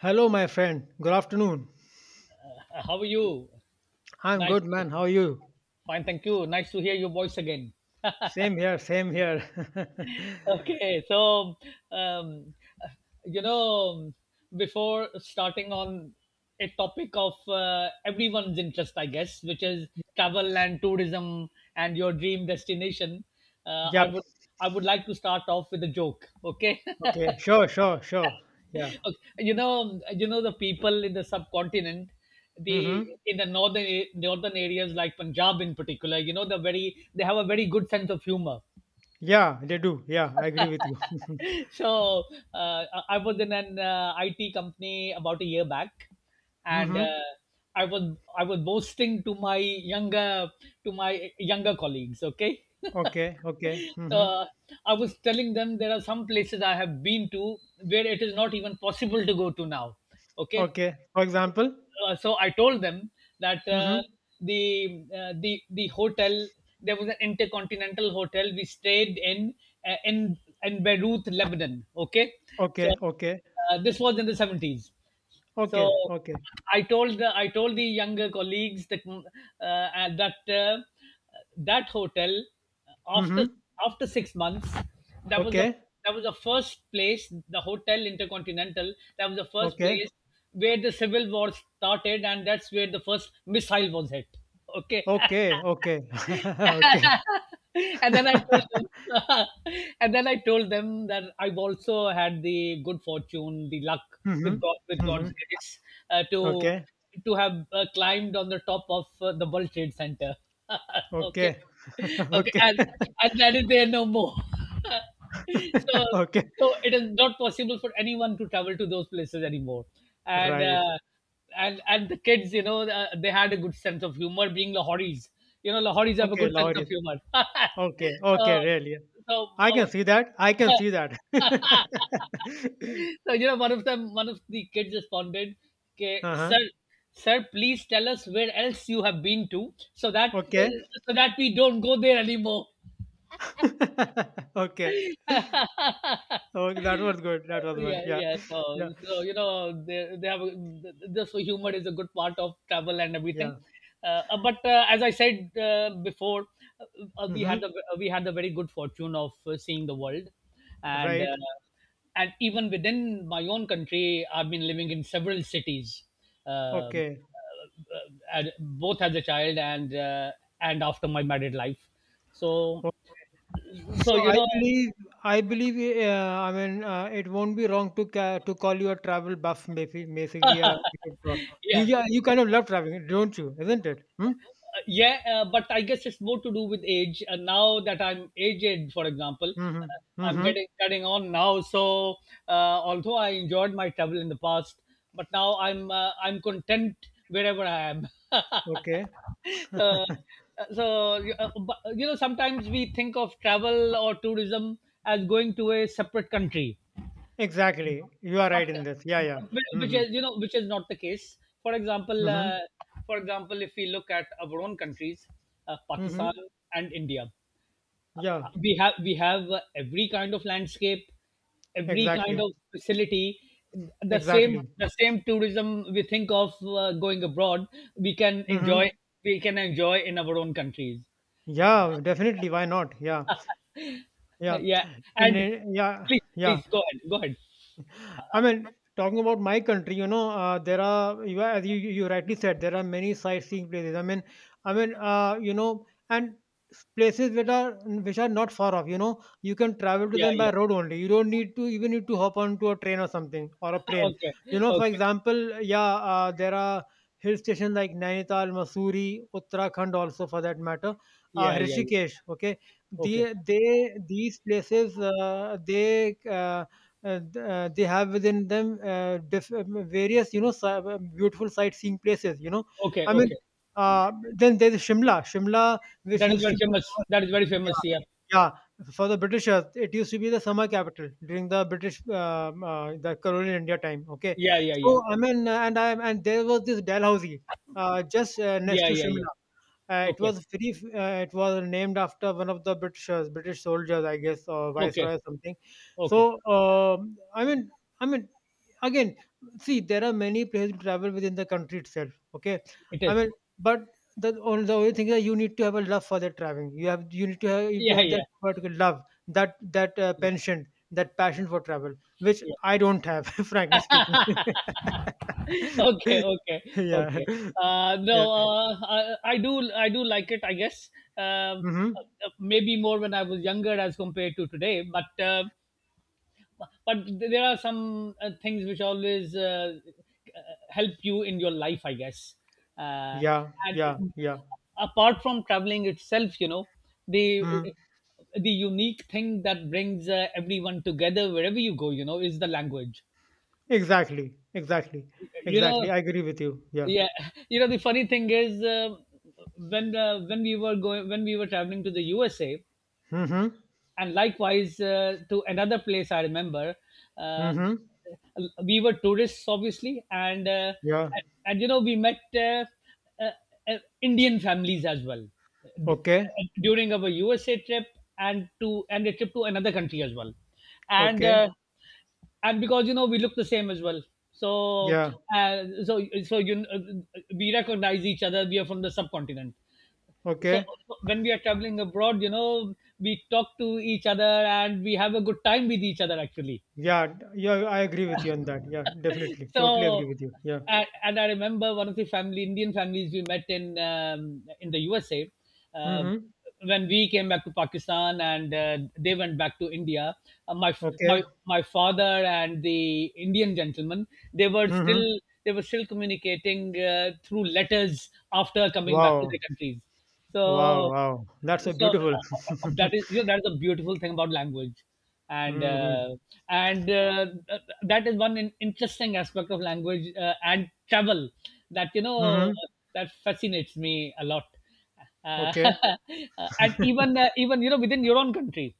Hello, my friend. Good afternoon. How are you? I'm Nice. good, to- man. How are you? Fine, thank you. Nice to hear your voice again. Same here, same here. Okay, so um, you know, Before starting on a topic of everyone's interest, I guess, which is travel and tourism and your dream destination, uh, I Yep. would I would like to start off with a joke. Okay. Okay. Sure, sure, sure. Yeah. Okay. You know the people in the subcontinent, the Mm-hmm. in the northern a- northern areas like Punjab in particular, you know, they have a very good sense of humor. Yeah, they do. Yeah, I agree with you. So I was in an IT company about a year back, and Mm-hmm. I was I was boasting to my younger colleagues. Okay. Okay, okay. Mm-hmm. uh, I was telling them there are some places I have been to where it is not even possible to go to now. Okay. Okay. For example? So I told them that uh, Mm-hmm. the uh, the the hotel, there was an intercontinental hotel we stayed in, uh, in in Beirut, Lebanon. Okay, so Okay, okay. This was in the seventies. So Okay, okay. I told the younger colleagues that that hotel, uh, after Mm-hmm. after 6 months, that was the Okay, that was the first place, the hotel intercontinental, that was the first okay. place where the civil war started, and that's where the first missile was hit. Okay. Okay, okay. Okay. and then I told them And then I told them that I've also had the good fortune, the luck Mm-hmm. with god with Mm-hmm. god's grace, uh, to Okay. to have climbed on the top of the World Trade Center. Okay, Okay. okay, Okay. And that is there no more. So Okay. so it is not possible for anyone to travel to those places anymore. And Right. And the kids, you know, they had a good sense of humor, being Lahoris. You know, Lahoris have a Okay, good sense of Lahori. humor. Okay, okay, really. So I so. can see that. I can see that. Uh, so you know, one of the kids responded, "Okay, Uh-huh. sir, sir, please tell us where else you have been to so that Okay. We don't go there anymore." Okay. Okay, that was good. That was one. Yeah, Yeah. yeah. Yeah. So you know, they have a, this humor is a good part of travel and everything. Yeah. But As I said before, uh, uh, we had Mm-hmm. the we had the very good fortune of seeing the world. And Right. Even within my own country, I've been living in several cities, um, Okay. uh, and both as a child and after my married life. So O- so So you I know. Believe, I mean, it won't be wrong to to call you a travel buff, maybe, basically, a you, Yeah, yeah, you kind of love traveling, don't you? Isn't it? Hmm? yeah. But I guess it's more to do with age, and now that I'm aged, for example, Mm-hmm. I'm Mm-hmm. getting getting on now. So although I enjoyed my travel in the past, but now I'm I'm content wherever I am. Okay. So uh, so but, you know, sometimes we think of travel or tourism as going to a separate country, Exactly. You are but right in this. Yeah, yeah. Which Mm-hmm. is, you know, which is not the case. for example Mm-hmm. uh, for example if we look at our own countries, Mm-hmm. Pakistan and India, Yeah, we have every kind of landscape, every kind exactly. of facility. The same, Exactly. the same tourism we think of going abroad, we can Mm-hmm. enjoy, we can enjoy in our own countries. Yeah, definitely. Why not? Yeah. Yeah. yeah, and Yeah. Yeah. please go ahead, go ahead. I mean, talking about my country, there are you as you rightly said, there are many sightseeing places. I mean, and places that are which are not far off. You know, you can travel to Yeah, them by yeah. road only. You don't need to even need to hop onto a train or something or a plane. Okay, You know, for okay. example, yeah, there are hill stations like Nainital, Mussoorie, Uttarakhand, also for that matter, Yeah, yeah, yeah. Rishikesh. Okay. Okay. the they these places they. Th- they have within them, various, beautiful sightseeing places, you know. Okay, i mean okay. Then there's Shimla, which That is used very to be— famous. That is very Yeah, famous. Yeah, yeah. For the Britishers, it used to be the summer capital during the colonial India time. Okay. yeah, yeah, yeah, So I mean, and there was this Dalhousie, just, next yeah, to yeah, yeah. Shimla. It Okay, was free. It was named after one of the Britishers, British soldiers, I guess, or okay, viceroy or something. okay. So, I mean, again, see, there are many places to travel within the country itself. Okay. It I is. mean, but the only thing is that you need to have a love for that traveling. You have you need to have You need to Yeah, have that yeah, particular love, that, yeah. penchant, that passion for travel, which Yeah. I don't have, frankly speaking. Okay, okay, Yeah, okay. No, yeah. I do like it. I guess, um, Hmm. Maybe more when I was younger as compared to today. But but there are some things which always uh, help you in your life, I guess. Uh, Yeah, and yeah, yeah. Apart from traveling itself, you know, the Hmm. uh, the unique thing that brings everyone together wherever you go, you know, is the language, Exactly, exactly, you know. exactly. I agree with you. Yeah. Yeah. You know, the funny thing is, when we were traveling to the USA, Mm-hmm. and likewise to another place I remember, uh, Mm-hmm. we were tourists obviously, and Yeah. You know, we met uh, Indian families as well Okay. During our USA trip, and a trip to another country as well. And Okay. Because you know, we look the same as well. So Yeah. So you we recognize each other, we are from the subcontinent. So Okay. when we are traveling abroad, you know, we talk to each other and we have a good time with each other actually. Yeah. Yeah. I agree with you on that. Yeah. Definitely. Totally So agree with you. Yeah. and I remember one of the family Indian families we met in the USA, um, Mm-hmm. when we came back to Pakistan and they went back to India, uh, my my Okay. Father and the Indian gentleman, they were still, Mm-hmm. they were still communicating through letters after coming back to Wow. their countries. So Wow. Wow. That's so so beautiful. That is, you know, that's a beautiful thing about language, and Mm-hmm. uh, and that is one interesting aspect of language and travel, that you know, Mm-hmm. that fascinates me a lot, uh, Okay. and even even you know within your own country.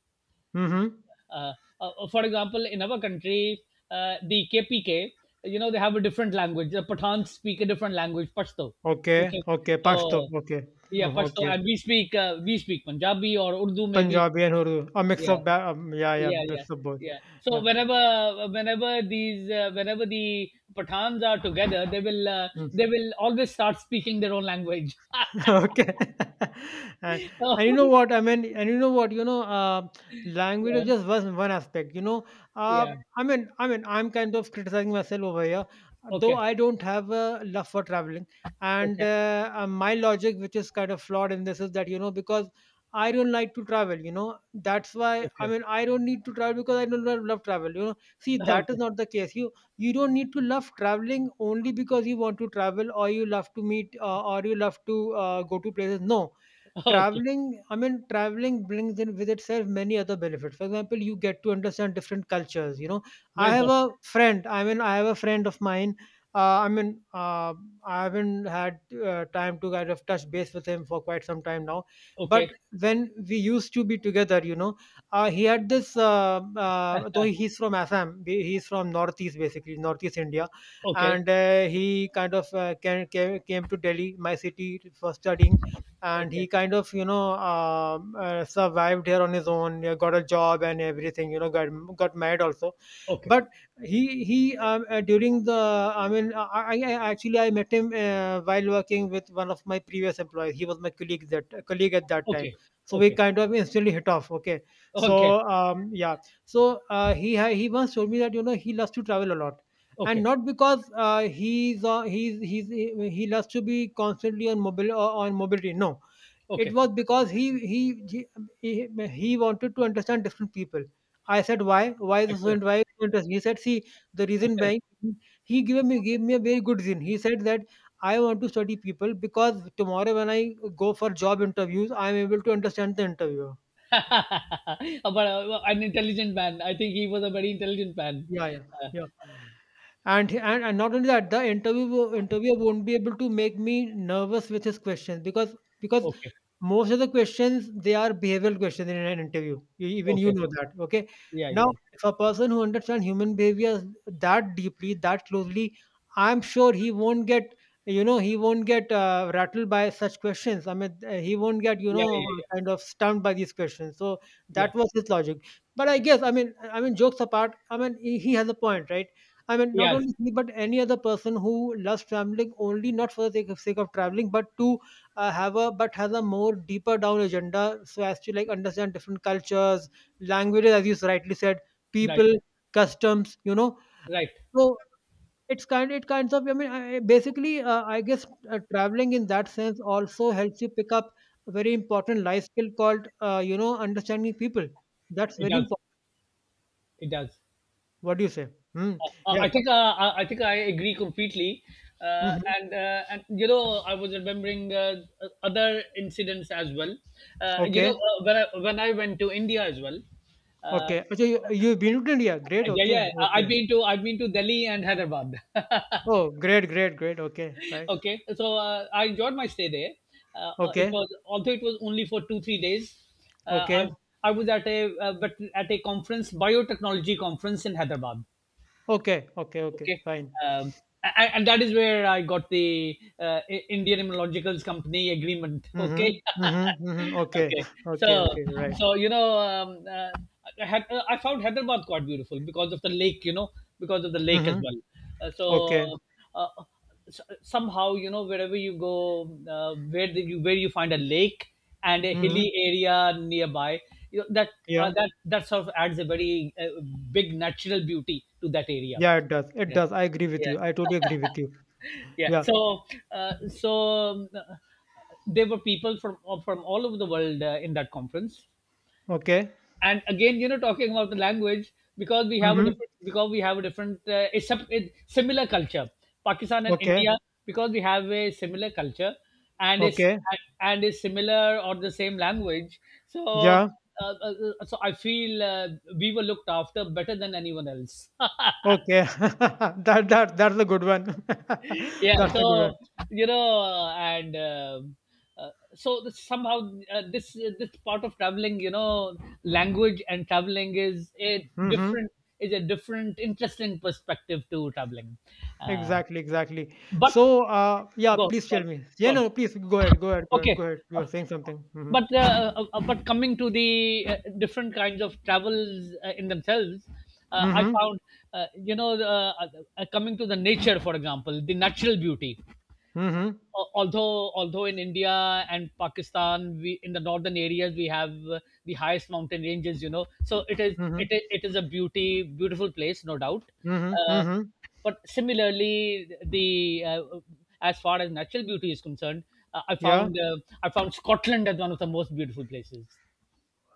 Mm-hmm. Uh, for example, in our country, the KPK, you know, they have a different language. The Pathans speak a different language, Pashto. Okay. Okay, Okay. Pasto. so Okay. yeah, Mm, Pashto, okay. and we speak Punjabi or Urdu maybe. Punjabi and Urdu, a mix Yeah, of ba yeah, yeah, yeah, yeah, mix of both. yeah. So Yeah. Whenever these whenever the Pathans are together, Mm. they will always start speaking their own language. Okay. And and you So, know what? I mean, and you know what? You know, language is yeah, just one aspect. Uh, yeah. I mean, I'm kind of criticizing myself over here, though Okay, I don't have a love for traveling. And okay, my logic, which is kind of flawed in this, is that, because I don't like to travel. You know, that's why I okay, mean I don't need to travel because I don't love travel. You know, see, that is okay, not the case. You don't need to love traveling only because you want to travel, or you love to meet, or you love to, go to places. No. okay. Traveling, I mean, traveling brings in with itself many other benefits. For example, you get to understand different cultures, you know. Very important. I have a friend of mine— uh, i mean uh, I haven't had, time to kind of touch base with him for quite some time now. Okay. But when we used to be together, you know, he had this, though he's from Assam, he's from northeast, basically northeast India. Okay, And, he kind of, came to Delhi, my city, for studying, and he okay, kind of, you know, survived here on his own, got a job and everything, you know, got married also. okay, But he, during the— I mean, actually I met him, while working with one of my previous employees. He was my colleague, that colleague, at that time. okay, So we okay, kind of instantly hit off. Okay. okay, So, yeah. So, he once told me that, you know, he loves to travel a lot, and okay, not because, he loves to be constantly on mobile, on mobility. No. It okay. was because he he wanted to understand different people. I said, "Why? Why is this so, Excellent, and why is this so interesting?" He said, "See, the reason excellent. being—" He gave me a very good reason. He said that, "I want to study people, because tomorrow when I go for job interviews, I am able to understand the interviewer." but An intelligent man. I think he was a very intelligent man. Yeah, yeah, Uh, yeah. And not only that, the interviewer won't be able to make me nervous with his questions, because— because okay, Most of the questions, they are behavioral questions in an interview. Even you okay. know that. Okay. Yeah, Now, yeah, if a person who understands human behavior that deeply, that closely, I'm sure he won't get— rattled by such questions. I mean, he won't get, you yeah, know, yeah, yeah, yeah. kind of stumped by these questions. So Yeah, that was his logic. But I guess, I mean, jokes apart, I mean, he has a point, right? I mean, not yes, only he, but any other person who loves traveling, only not for sake of traveling, but to, have a but has a more deeper down agenda, so as to, like, understand different cultures, languages, as you rightly said, right, people, customs, you know. right. So it kinds of— I mean, basically, I guess, traveling in that sense also helps you pick up a very important life skill called, you know, understanding people. That's It very does, important. it does. What do you say? Hmm. Yeah. I think I think I agree completely, Hmm. And you know, I was remembering other incidents as well. You know, Okay, when I went to India as well, uh, okay. So you've been to India. Great. yeah, Okay, yeah. Okay. I've been to Delhi and Hyderabad. Oh, great, great, great. Okay, right. Okay, so I enjoyed my stay there. It Okay, was Although it was only for 2 3 days. Uh, I okay. I was at a conference, biotechnology conference in Hyderabad. Okay, okay, okay, Okay. fine. um, and that is where I got the Indian Immunologicals company agreement. Okay. Mhm, mhm, mhm. Okay, Okay. So okay, okay, right. You know, I found Hyderabad quite beautiful because of the lake, you know, because of the lake as Mhm, well. uh, so okay, uh, Somehow you know, wherever you go where you find a lake and a hilly mhm. area nearby, you know, that Yeah, that that sort of adds a very big natural beauty to that area. yeah, it does. It Yeah, does. I agree with yeah, you. I totally agree with you. yeah. Yeah. So, uh, so um, uh, there were people from all over the world in that conference. Okay. And again, you know, talking about the language, because we have a Mhm. different, because we have a different a similar culture. Pakistan and Okay. India, because we have a similar culture and is Okay. and is similar or the same language. So, Yeah. So I feel we were looked after better than anyone else. Okay. That's a good one. Yeah, That's a good one. so you know, and uh, so this, somehow uh, this this part of traveling, you know, language and traveling is a Mhm. different, is a different interesting perspective to traveling. uh, Exactly. Exactly. but So, yeah. go Please tell go me. Yeah. go, No. Please go ahead. Go ahead. Go ahead. okay. Go ahead. You Uh, are saying something. Mhm. but coming to the uh, different kinds of travels in themselves, I Mhm. found you know, coming to the nature, for example, the natural beauty, Mhm. although although in India and Pakistan, we in the northern areas we have the highest mountain ranges. You know, so it is, Mhm. It is a beauty beautiful place, no doubt. Mhm. Uh, Mhm. but similarly, the as far as natural beauty is concerned, uh, I Yeah. found uh, I found Scotland as one of the most beautiful places.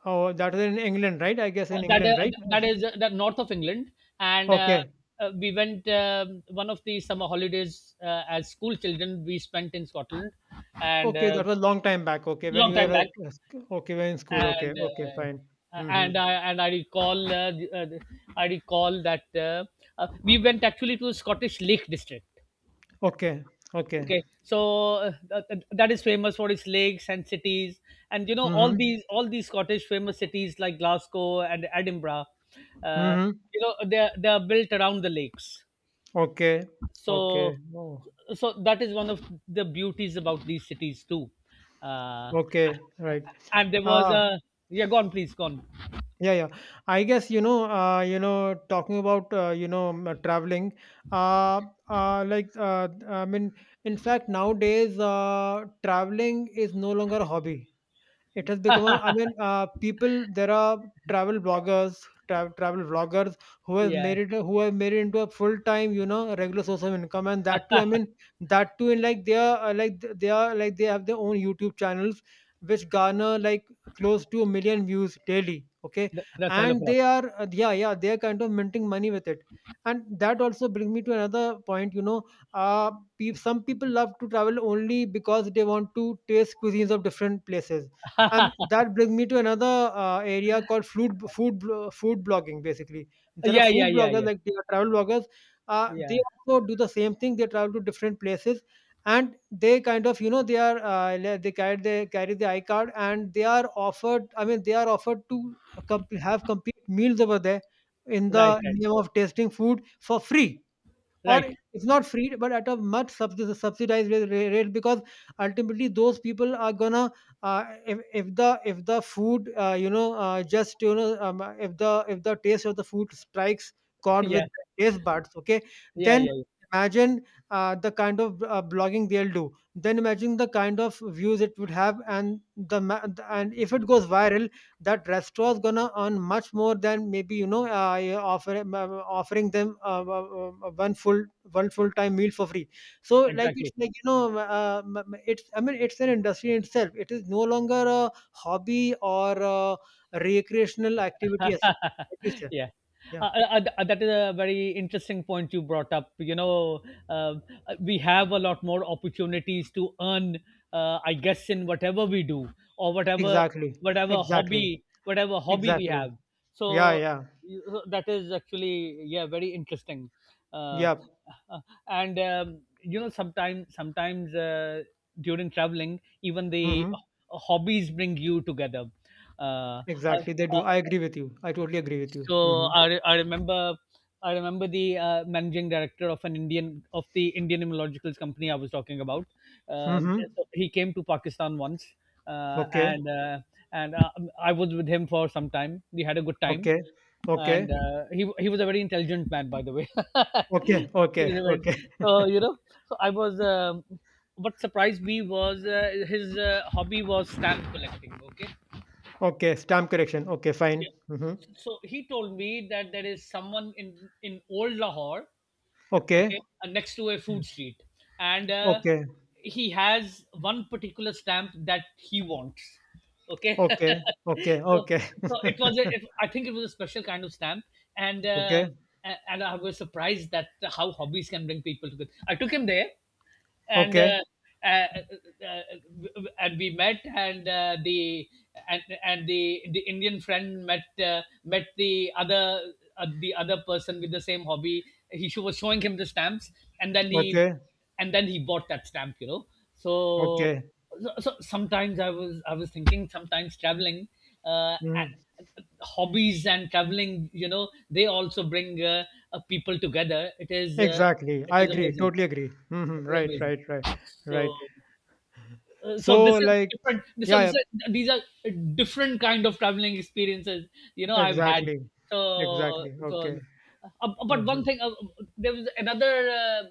Oh, that was in England, right? I guess Uh, in that England, uh, right? That is the north of England, and Okay. We went, um, one of the summer holidays as school children. We spent in Scotland, and Okay, that was a long time back. Okay, when long you time were back. Okay, when in school. Okay, and okay, fine. uh, uh, Mm-hmm. and i and i recall I recall that we went actually to Scottish Lake District. Okay, okay. Okay, that is famous for its lakes and cities, and you know all Mm-hmm. these all these Scottish famous cities like Glasgow and Edinburgh. uh, Mm-hmm. you know, they're built around the lakes, Okay, okay. so Oh, so that is one of the beauties about these cities too. uh, okay, right. and there was Ah, a— yeah, go on, please go on. yeah, yeah. I guess, you know, talking about, traveling. Uh, like, I mean, in fact, nowadays, traveling is no longer a hobby. It has become a I mean, people— there are travel bloggers, travel vloggers, Yeah, who have made it into a full-time, you know, regular source of income. And that too, I mean, that too in like they are like th- they are like they have their own YouTube channels, which garner, like, close to a million views daily. Okay. That's a hell of And a lot. Yeah, yeah, they are kind of minting money with it. And that also brings me to another point, you know, uh, some people love to travel only because they want to taste cuisines of different places. That brings me to another, area called food blogging. Basically, there are Yeah, yeah, food yeah, bloggers, yeah. like, they are travel bloggers. They Yeah. also do the same thing. They travel to different places, and they kind of, you know, they are, they carry the iCard, and they are offered— I mean, they are offered to have complete meals over there in Right, the right, name of tasting food for free. Or right. it's not free, but at a much subsidized rate, because ultimately those people are gonna, if the food, you know, just, you know, if the taste of the food strikes chord with yeah. their taste buds, okay, Yeah, then yeah, yeah. imagine— the kind of, blogging they'll do. Then imagine the kind of views it would have, and if it goes viral, that restaurant's gonna earn much more than maybe, yeah, offering them, one full time meal for free. So like, it's Exactly. like, it's, I mean, it's an industry in itself. It is no longer a hobby or a recreational activity as what you yeah yeah. Yeah. That is a very interesting point you brought up. You know, we have a lot more opportunities to earn, I guess, in whatever we do, or whatever— Exactly, whatever exactly, hobby whatever hobby we exactly. have. Yeah, So, yeah, so that is actually, yeah, very interesting. Uh, yeah. uh, and you know, sometimes during traveling, even the Mm-hmm. hobbies bring you together. Uh, uh, Exactly, they do. uh, I agree with you. I totally agree with you. Mm-hmm. so I remember— I remember the managing director of an Indian— of the Indian Immunologicals company I was talking about. Um, Mm-hmm. so he came to Pakistan once, uh, Okay, and uh, and I was with him for some time. We had a good time, okay, and okay. He was a very intelligent man, by the way. Okay, He okay, was a very— okay. so you know, so I was. What surprised me was his hobby was stamp collecting. Okay. Okay, stamp correction. Okay, fine. Yeah, Mhm. so he told me that there is someone in old Lahore, okay, Okay, next to a food street, and okay, he has one particular stamp that he wants. Okay. okay, okay, So, okay. so it was a— it, I think it was a special kind of stamp, and uh, Okay, and I was surprised that how hobbies can bring people together. I took him there, and okay, uh, uh, uh, uh, and we met, and the Indian friend met— met the other— the other person with the same hobby. He— she was showing him the stamps, and then he okay, and then he bought that stamp, you know. So, okay. so sometimes I was thinking, sometimes traveling, uh, a- Mhm. hobbies and traveling, you know, they also bring people together. Exactly. It I is agree. amazing. Totally agree. Mhm. It is Right, amazing. right, right, So, right. So So, this is like, different. So yeah, this yeah, is— these are different kind of traveling experiences, you know, I've had. exactly, So, exactly. Okay. But one Mhm. thing, there was another—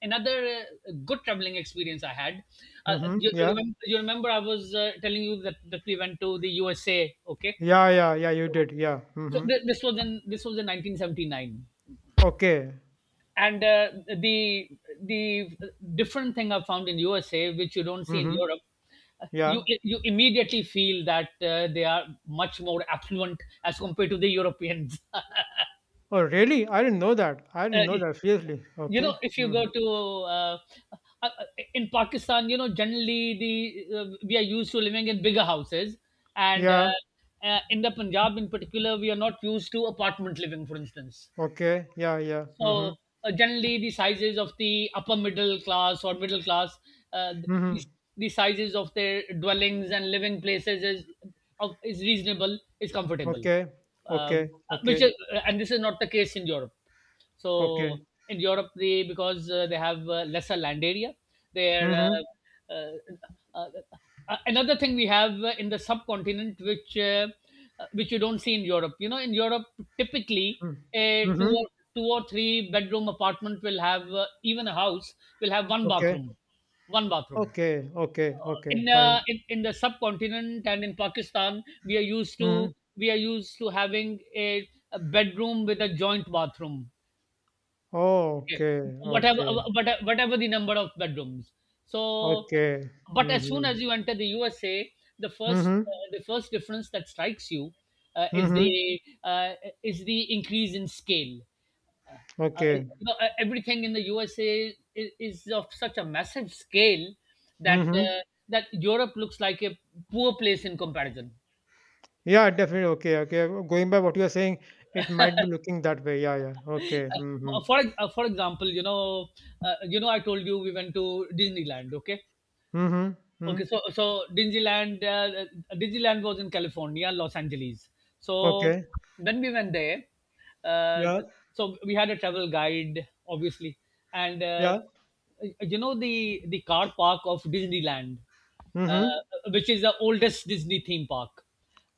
another good traveling experience I had. Mhm. You Yeah, remember? You remember I was telling you that we went to the USA? Okay, yeah, yeah, yeah. You did. Yeah. so Mhm. This was in— this was in 1979. Okay. And the the different thing I found in USA, which you don't see in Mhm. Europe, you Yeah. Immediately feel that they are much more affluent as compared to the Europeans. Oh, really? I didn't know that. I Uh, didn't know that. Seriously. you know, Okay. if you go Mhm. to uh, uh, uh, in Pakistan, you know, generally the we are used to living in bigger houses, and uh, Yeah. uh, in the Punjab in particular, we are not used to apartment living, for instance. Okay. Yeah. Yeah. Mm-hmm. So generally, the sizes of the upper middle class or middle class, uh, the, Mm-hmm. the sizes of their dwellings and living places is— is reasonable, is comfortable. Okay. Okay. Um, uh, which Okay. is, and this is not the case in Europe. Okay. So in Europe, they— because they have lesser land area. There, Mm-hmm. uh, uh, uh, another thing we have in the subcontinent, which you don't see in Europe. You know, in Europe, typically Mm, a two mm-hmm. or two or three-bedroom apartment will have— even a house will have one Okay. bathroom, one bathroom. Okay. Okay. Okay. in, Fine. uh, in in the subcontinent and in Pakistan, we are used Mm-hmm. to— we are used to having a— a bedroom with a joint bathroom. Okay. Okay. Whatever— Okay. Whatever the number of bedrooms. So, Okay. but as soon Mm-hmm. as you enter the USA, Mm-hmm. The first difference that strikes you uh, is Mm-hmm. the uh, is the increase in scale. You Okay. know, everything in the USA is— is of such a massive scale that Mm-hmm. That Europe looks like a poor place in comparison. Yeah. Definitely. Okay. Okay. Going by what you are saying, it might be looking that way. Yeah. Yeah. Okay. Mm-hmm. For example, you know, I told you we went to Disneyland. Okay. Mm-hmm. Okay, Mm. so Disneyland was in California, Los Angeles. So Okay. when we went there, uh, Yeah. so we had a travel guide, obviously, and Yeah. you know, the car park of Disneyland, Mm-hmm. uh, which is the oldest Disney theme park.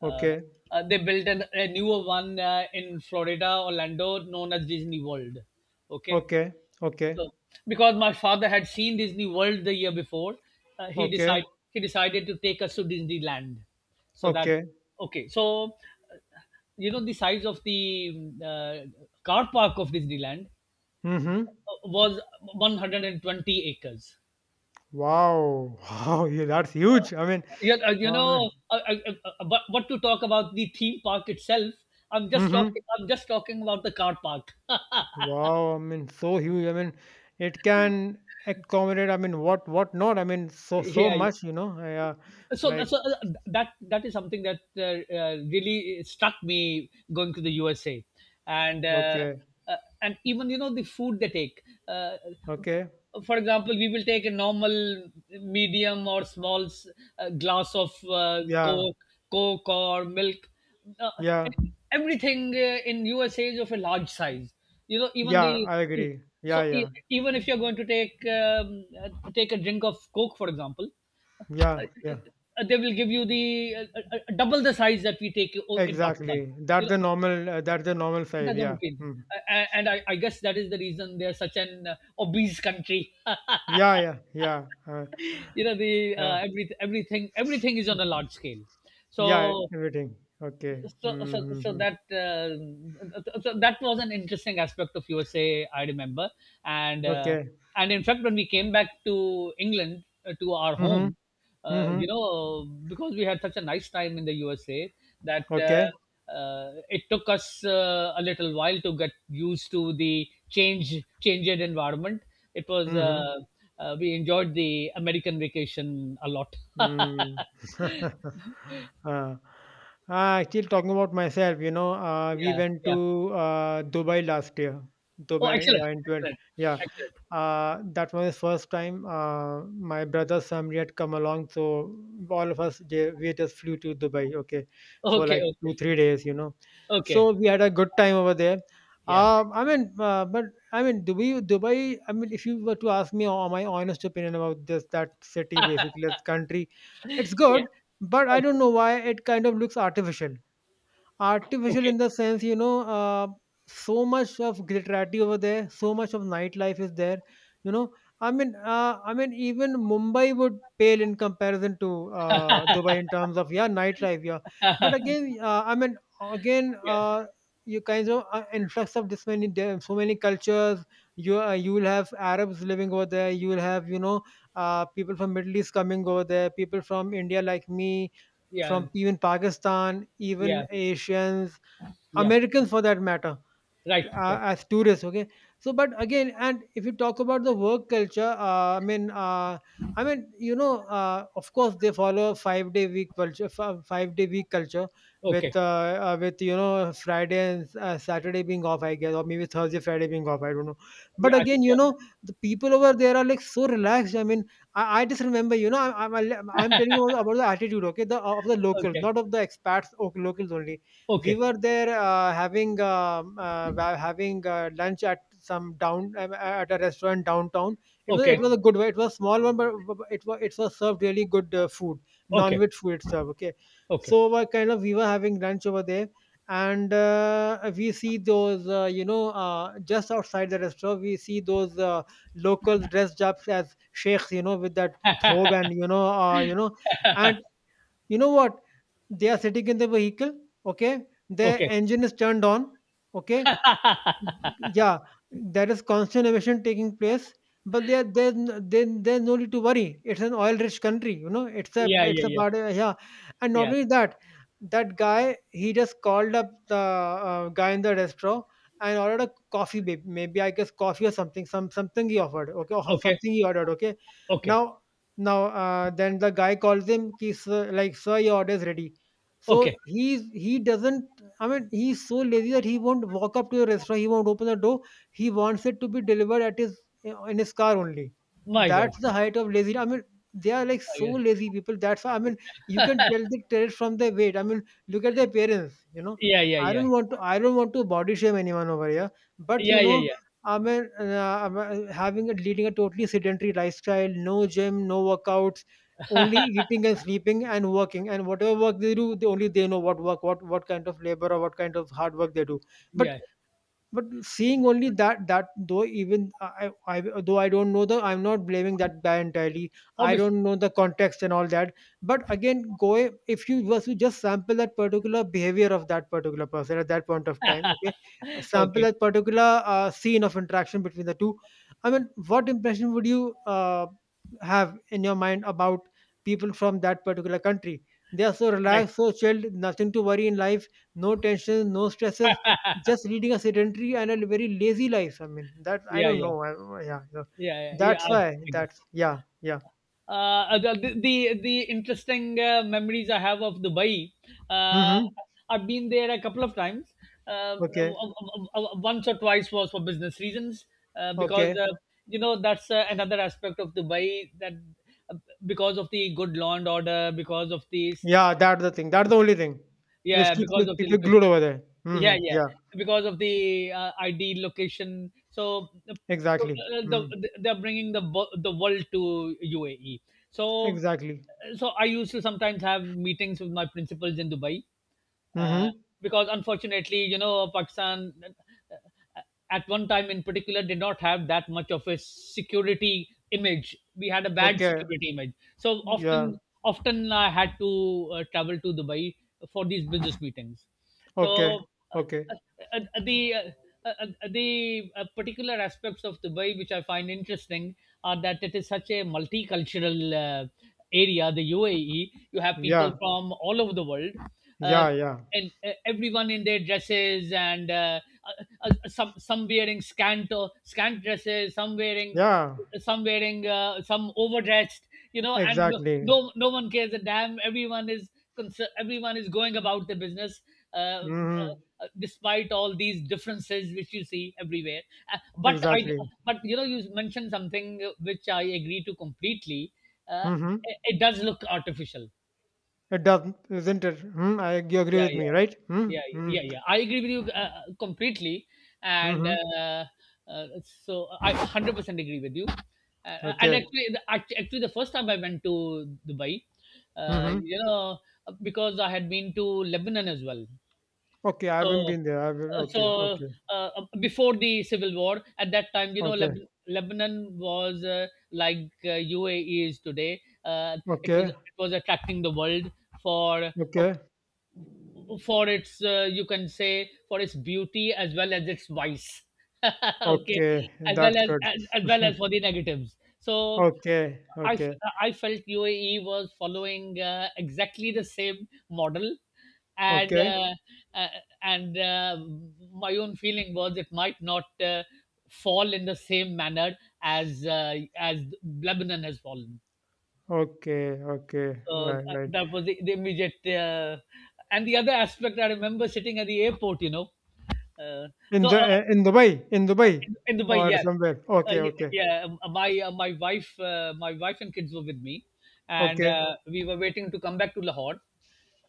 Uh, Okay. They built an— a newer one in Florida, Orlando, known as Disney World. Okay, Okay. Okay. so, because my father had seen Disney World the year before, uh, he Okay. decided he decided to take us to Disneyland. So that— Okay. okay, uh, you know, the size of the car park of Disneyland Mhm. Was 120 acres. Wow! Wow! Yeah, that's huge. I mean, Yeah, I mean but what to talk about the theme park itself? I'm just mhm. talking— I'm just talking about the car park. Yeah, Wow! I mean, so huge. I mean, it can accommodate, I mean, what not? I mean, so yeah. much, you know? Yeah. So, Like, that that is something that really struck me going to the USA, and okay. uh, and even you know, the food they take. Uh, Okay. for example, we will take a normal, medium or small glass of Yeah, coke, coke or milk. Uh, yeah, Everything in USA is of a large size. You know, even yeah. the— I agree. Yeah, so yeah, even if you're going to take take a drink of coke, for example, uh, yeah, yeah. They will give you the double the size that we take in Pakistan, Exactly. you That's know. the normal, uh, that's the normal size. That's Yeah. okay. Mm. And, I guess that is the reason they are such an obese country. Yeah, yeah, yeah. Uh, You know, the yeah. Everything is on a Mm, large scale. yeah. So Everything. Okay. So Mm-hmm. that so that was an interesting aspect of USA I remember. And Okay. and in fact, when we came back to England, to our Mhm, home, you mhm. know, because we had such a nice time in the USA, that Okay, it took us a little while to get used to the changed environment. It was mhm. We enjoyed the American vacation a lot. Mm. Uh, Still talking about myself, we Yeah, went yeah. to Dubai last year. Oh, Dubai, excellent, yeah, in 12, excellent, yeah. excellent. That was the first time, my brother's family had come along, so all of us, we just flew to Dubai, okay, for Okay, like two, okay. three days. So Okay. we had a good time over there. Yeah. I mean, but I mean, Dubai, Dubai. I mean, if you were to ask me my honest opinion about this that city, basically, that country, it's Yeah. good, but I don't Okay. know why it kind of looks artificial. Artificial Okay. in the sense, so much of glitterati over there, so much of nightlife is there, you know I mean, I mean, even Mumbai would pale in comparison to Dubai in terms of, yeah, nightlife, yeah. But again, I mean, again, Yeah. You kinds of influx of this many. There are so many cultures. You will have Arabs living over there. You will have, people from Middle East coming over there, people from India, like me, Yeah. from even Pakistan, Yeah. even Asians, Yeah. Americans for that matter, Right. Right. as tourists, okay. So, but again, and if you talk about the work culture, I mean, I mean, of course they follow 5 day week culture Okay. with, Friday and, Saturday being off, I guess, or maybe Thursday, Friday being off, I don't know. But Yeah, I again think, you yeah. know the people over there are like so relaxed. I mean, I just remember, I, I'm telling you about the attitude, okay, the of the locals, Okay. not of the expats, or locals only. We Okay. were there having lunch at a restaurant downtown. It was it Okay. was a good one. It was a small one, but it was served really good food, Okay. non-veg food it served. Okay, Okay. so kind of we were having lunch over there, and we see those, just outside the restaurant, we see those locals dressed up as sheikhs, with that thobe and you know what, they are sitting in the vehicle, okay. Their Okay. engine is turned on, okay, yeah. There is constant emission taking place, but there there's n- then there's no need to worry. It's an oil-rich country, you know. It's a Yeah, it's yeah, a yeah. part of, yeah. And not Yeah. only that, that guy, he just called up the guy in the restaurant and ordered a coffee, maybe, I guess coffee or something, something he offered, okay, or Okay. something he ordered, okay. Okay. Now now, then the guy calls him. He's like, "Sir, your order is ready." Okay. So, he's he doesn't I mean, he's so lazy that he won't walk up to your restaurant. He won't open the door. He wants it to be delivered at his in his car only. My God. That's the height of laziness. I mean, they are like My so God. lazy people. That's why. I mean, you can tell, the tell it from their weight. I mean, look at their parents. Yeah, yeah, yeah. I don't want to body shame anyone over here. But, Yeah, yeah, yeah. I mean, having a leading a totally sedentary lifestyle, no gym, no workouts, only eating and sleeping and working. And whatever work they do, they know what work what kind of labor or what kind of hard work they do. But, Yeah. Seeing only that, though even I though, I don't know, the I'm not blaming that guy entirely. I Obviously. don't know the context and all that. But again, go if you was to just sample that particular behavior of that particular person at that point of time, okay, sample Okay. that particular scene of interaction between the two. I mean, what impression would you have in your mind about people from that particular country? They are so Right. relaxed, so chilled, nothing to worry in life, no tension, no stresses, just leading a sedentary and a very lazy life. I mean, that, I Yeah, don't yeah. know. Yeah, yeah, Yeah, yeah. Yeah. that's why. I guess. That's Yeah, yeah. The the interesting memories I have of Dubai. Uh, Mm-hmm. I've been there a couple of times. Uh, Okay, Once or twice was for business reasons, because okay. You know, that's another aspect of Dubai, that uh, because of the good law and order, because of these, Yeah, that's the thing. That's the only thing which yeah, keeps because the of the people location. glued over there. Yeah, Mm-hmm. yeah, Yeah, because of the ID location. So the, exactly. Mm, they're bringing the the world to UAE. So exactly. so I used to sometimes have meetings with my principals in Dubai, uh, Mm-hmm. because unfortunately, you know, Pakistan uh, at one time in particular did not have that much of a security image. We had a bad Okay. security image, so Yeah. Often I had to travel to Dubai for these business meetings. Okay. So Okay. uh, uh, uh, the uh, the particular aspects of Dubai which I find interesting are that it is such a multicultural area, the UAE. You have people Yeah. from all over the world. Uh, Yeah. Yeah. and everyone in their dresses and some— some wearing scant or scant dresses, some wearing Yeah. some wearing uh, some overdressed, you know, and no— Exactly. no, no one cares a damn. Everyone is concerned, everyone is going about their business, uh, Mm-hmm. uh, despite all these differences which you see everywhere. uh, but i Exactly. but you know, you mentioned something which I agree to completely. uh, Mm-hmm. it— it does look artificial. It doesn't, isn't it? Hmm. You agree Yeah, with yeah, me, right? Hmm. yeah. Yeah, Hmm. yeah, yeah. I agree with you completely. And Mm-hmm. Uh, so I 100% agree with you, and Okay. actually the— actually, the first time I went to Dubai, Mhm. you know, because I had been to Lebanon as well. Okay, I So haven't been there. I haven't uh, so okay, okay, before the civil war, at that time, you know, okay, Lebanon was like UAE is today. It was— okay, it was attracting the world for uh, okay, for its you can say for its beauty as well as its vice. Okay, okay. as well That's as— good. As well as for the negatives. So Okay, I, okay, f- I felt UAE was following exactly the same model, and okay, uh, uh, and my own feeling was it might not fall in the same manner as Lebanon has fallen. okay, okay. So Right, right. that was the— the immediate. And the other aspect, I remember sitting at the airport, you know. Uh, so uh, In Dubai, in Dubai, in Dubai, or yeah. somewhere. Okay, okay, Yeah, my wife and kids were with me, and okay, uh, we were waiting to come back to Lahore,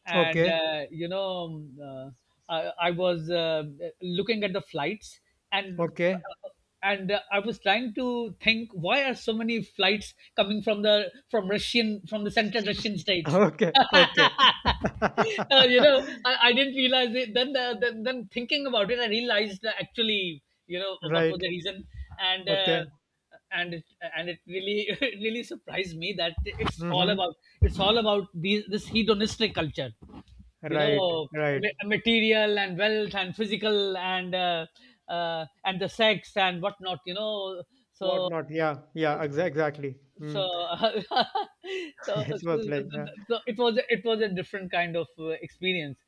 and okay, uh, you know, I— I was looking at the flights, and okay, uh, I was trying to think, why are so many flights coming from the— from Russian, from the central Russian states. okay, okay. You know, I— I didn't realize it. Then then thinking about it, I realized that actually, you know, what was Right. the reason, and uh, Okay. and and it really it really surprised me that it's all Mm-hmm. about— it's all about these, this hedonistic culture, you Right. know, Right. Material and wealth and physical and the sex and whatnot, you know. What So not? Yeah. Yeah. Exactly. so, Mm. so, It so, was like, yeah. so it was a— it was a different kind of experience.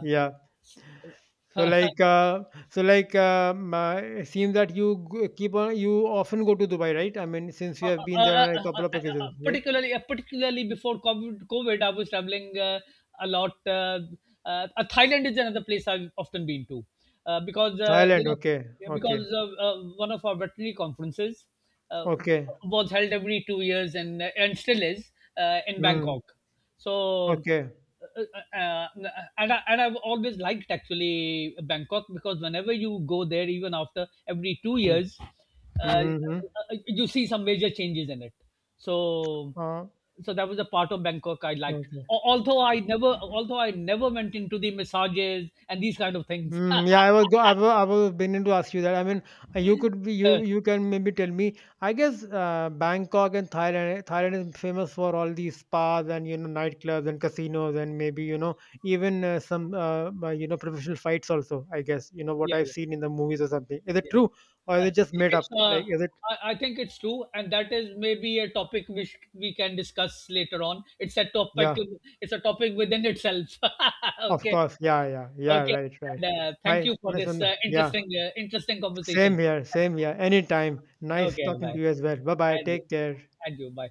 Yeah. So uh, like uh, so like, it seems that you g- keep on you often go to Dubai, right? I mean, since you Uh, have uh, been uh, there on uh, a uh, uh, uh, couple of occasions, right? particularly, Particularly before COVID, COVID, I was traveling a lot. Thailand is another place I've often been to, because you Thailand, know, okay, yeah, okay, because one of our veterinary conferences uh, w- okay, was held every 2 years, and and still is, in mm, Bangkok. So okay, uh, uh, uh, and I've always liked actually Bangkok, because whenever you go there, even after every two mm, years, uh, uh, mm-hmm, you see some major changes in it. So, uh, so that was a part of Bangkok I liked. okay. Although I never— although I never went into the massages and these kind of things. Mm, yeah, I was go I was meaning to ask you that. I mean, you could be Yeah, you you can maybe tell me. I guess Bangkok and Thailand. Thailand is famous for all these spas and, nightclubs and casinos and maybe, even some professional fights also. I guess you know what I've yeah, seen in the movies or something. Is it yeah. true or Uh, is it just made it's, up? uh, Like, is it? I think it's true, and that is maybe a topic which we can discuss later on. It's a topic. Yeah, It's a topic within itself. of Okay, course. Yeah, yeah, yeah. okay. Right, right. And, thank Bye. you for Nice this one. Yeah, interesting same conversation. here. Same here. Anytime. Nice Okay, talking to bye. you as well. Bye bye. And you, Take care. and you, bye.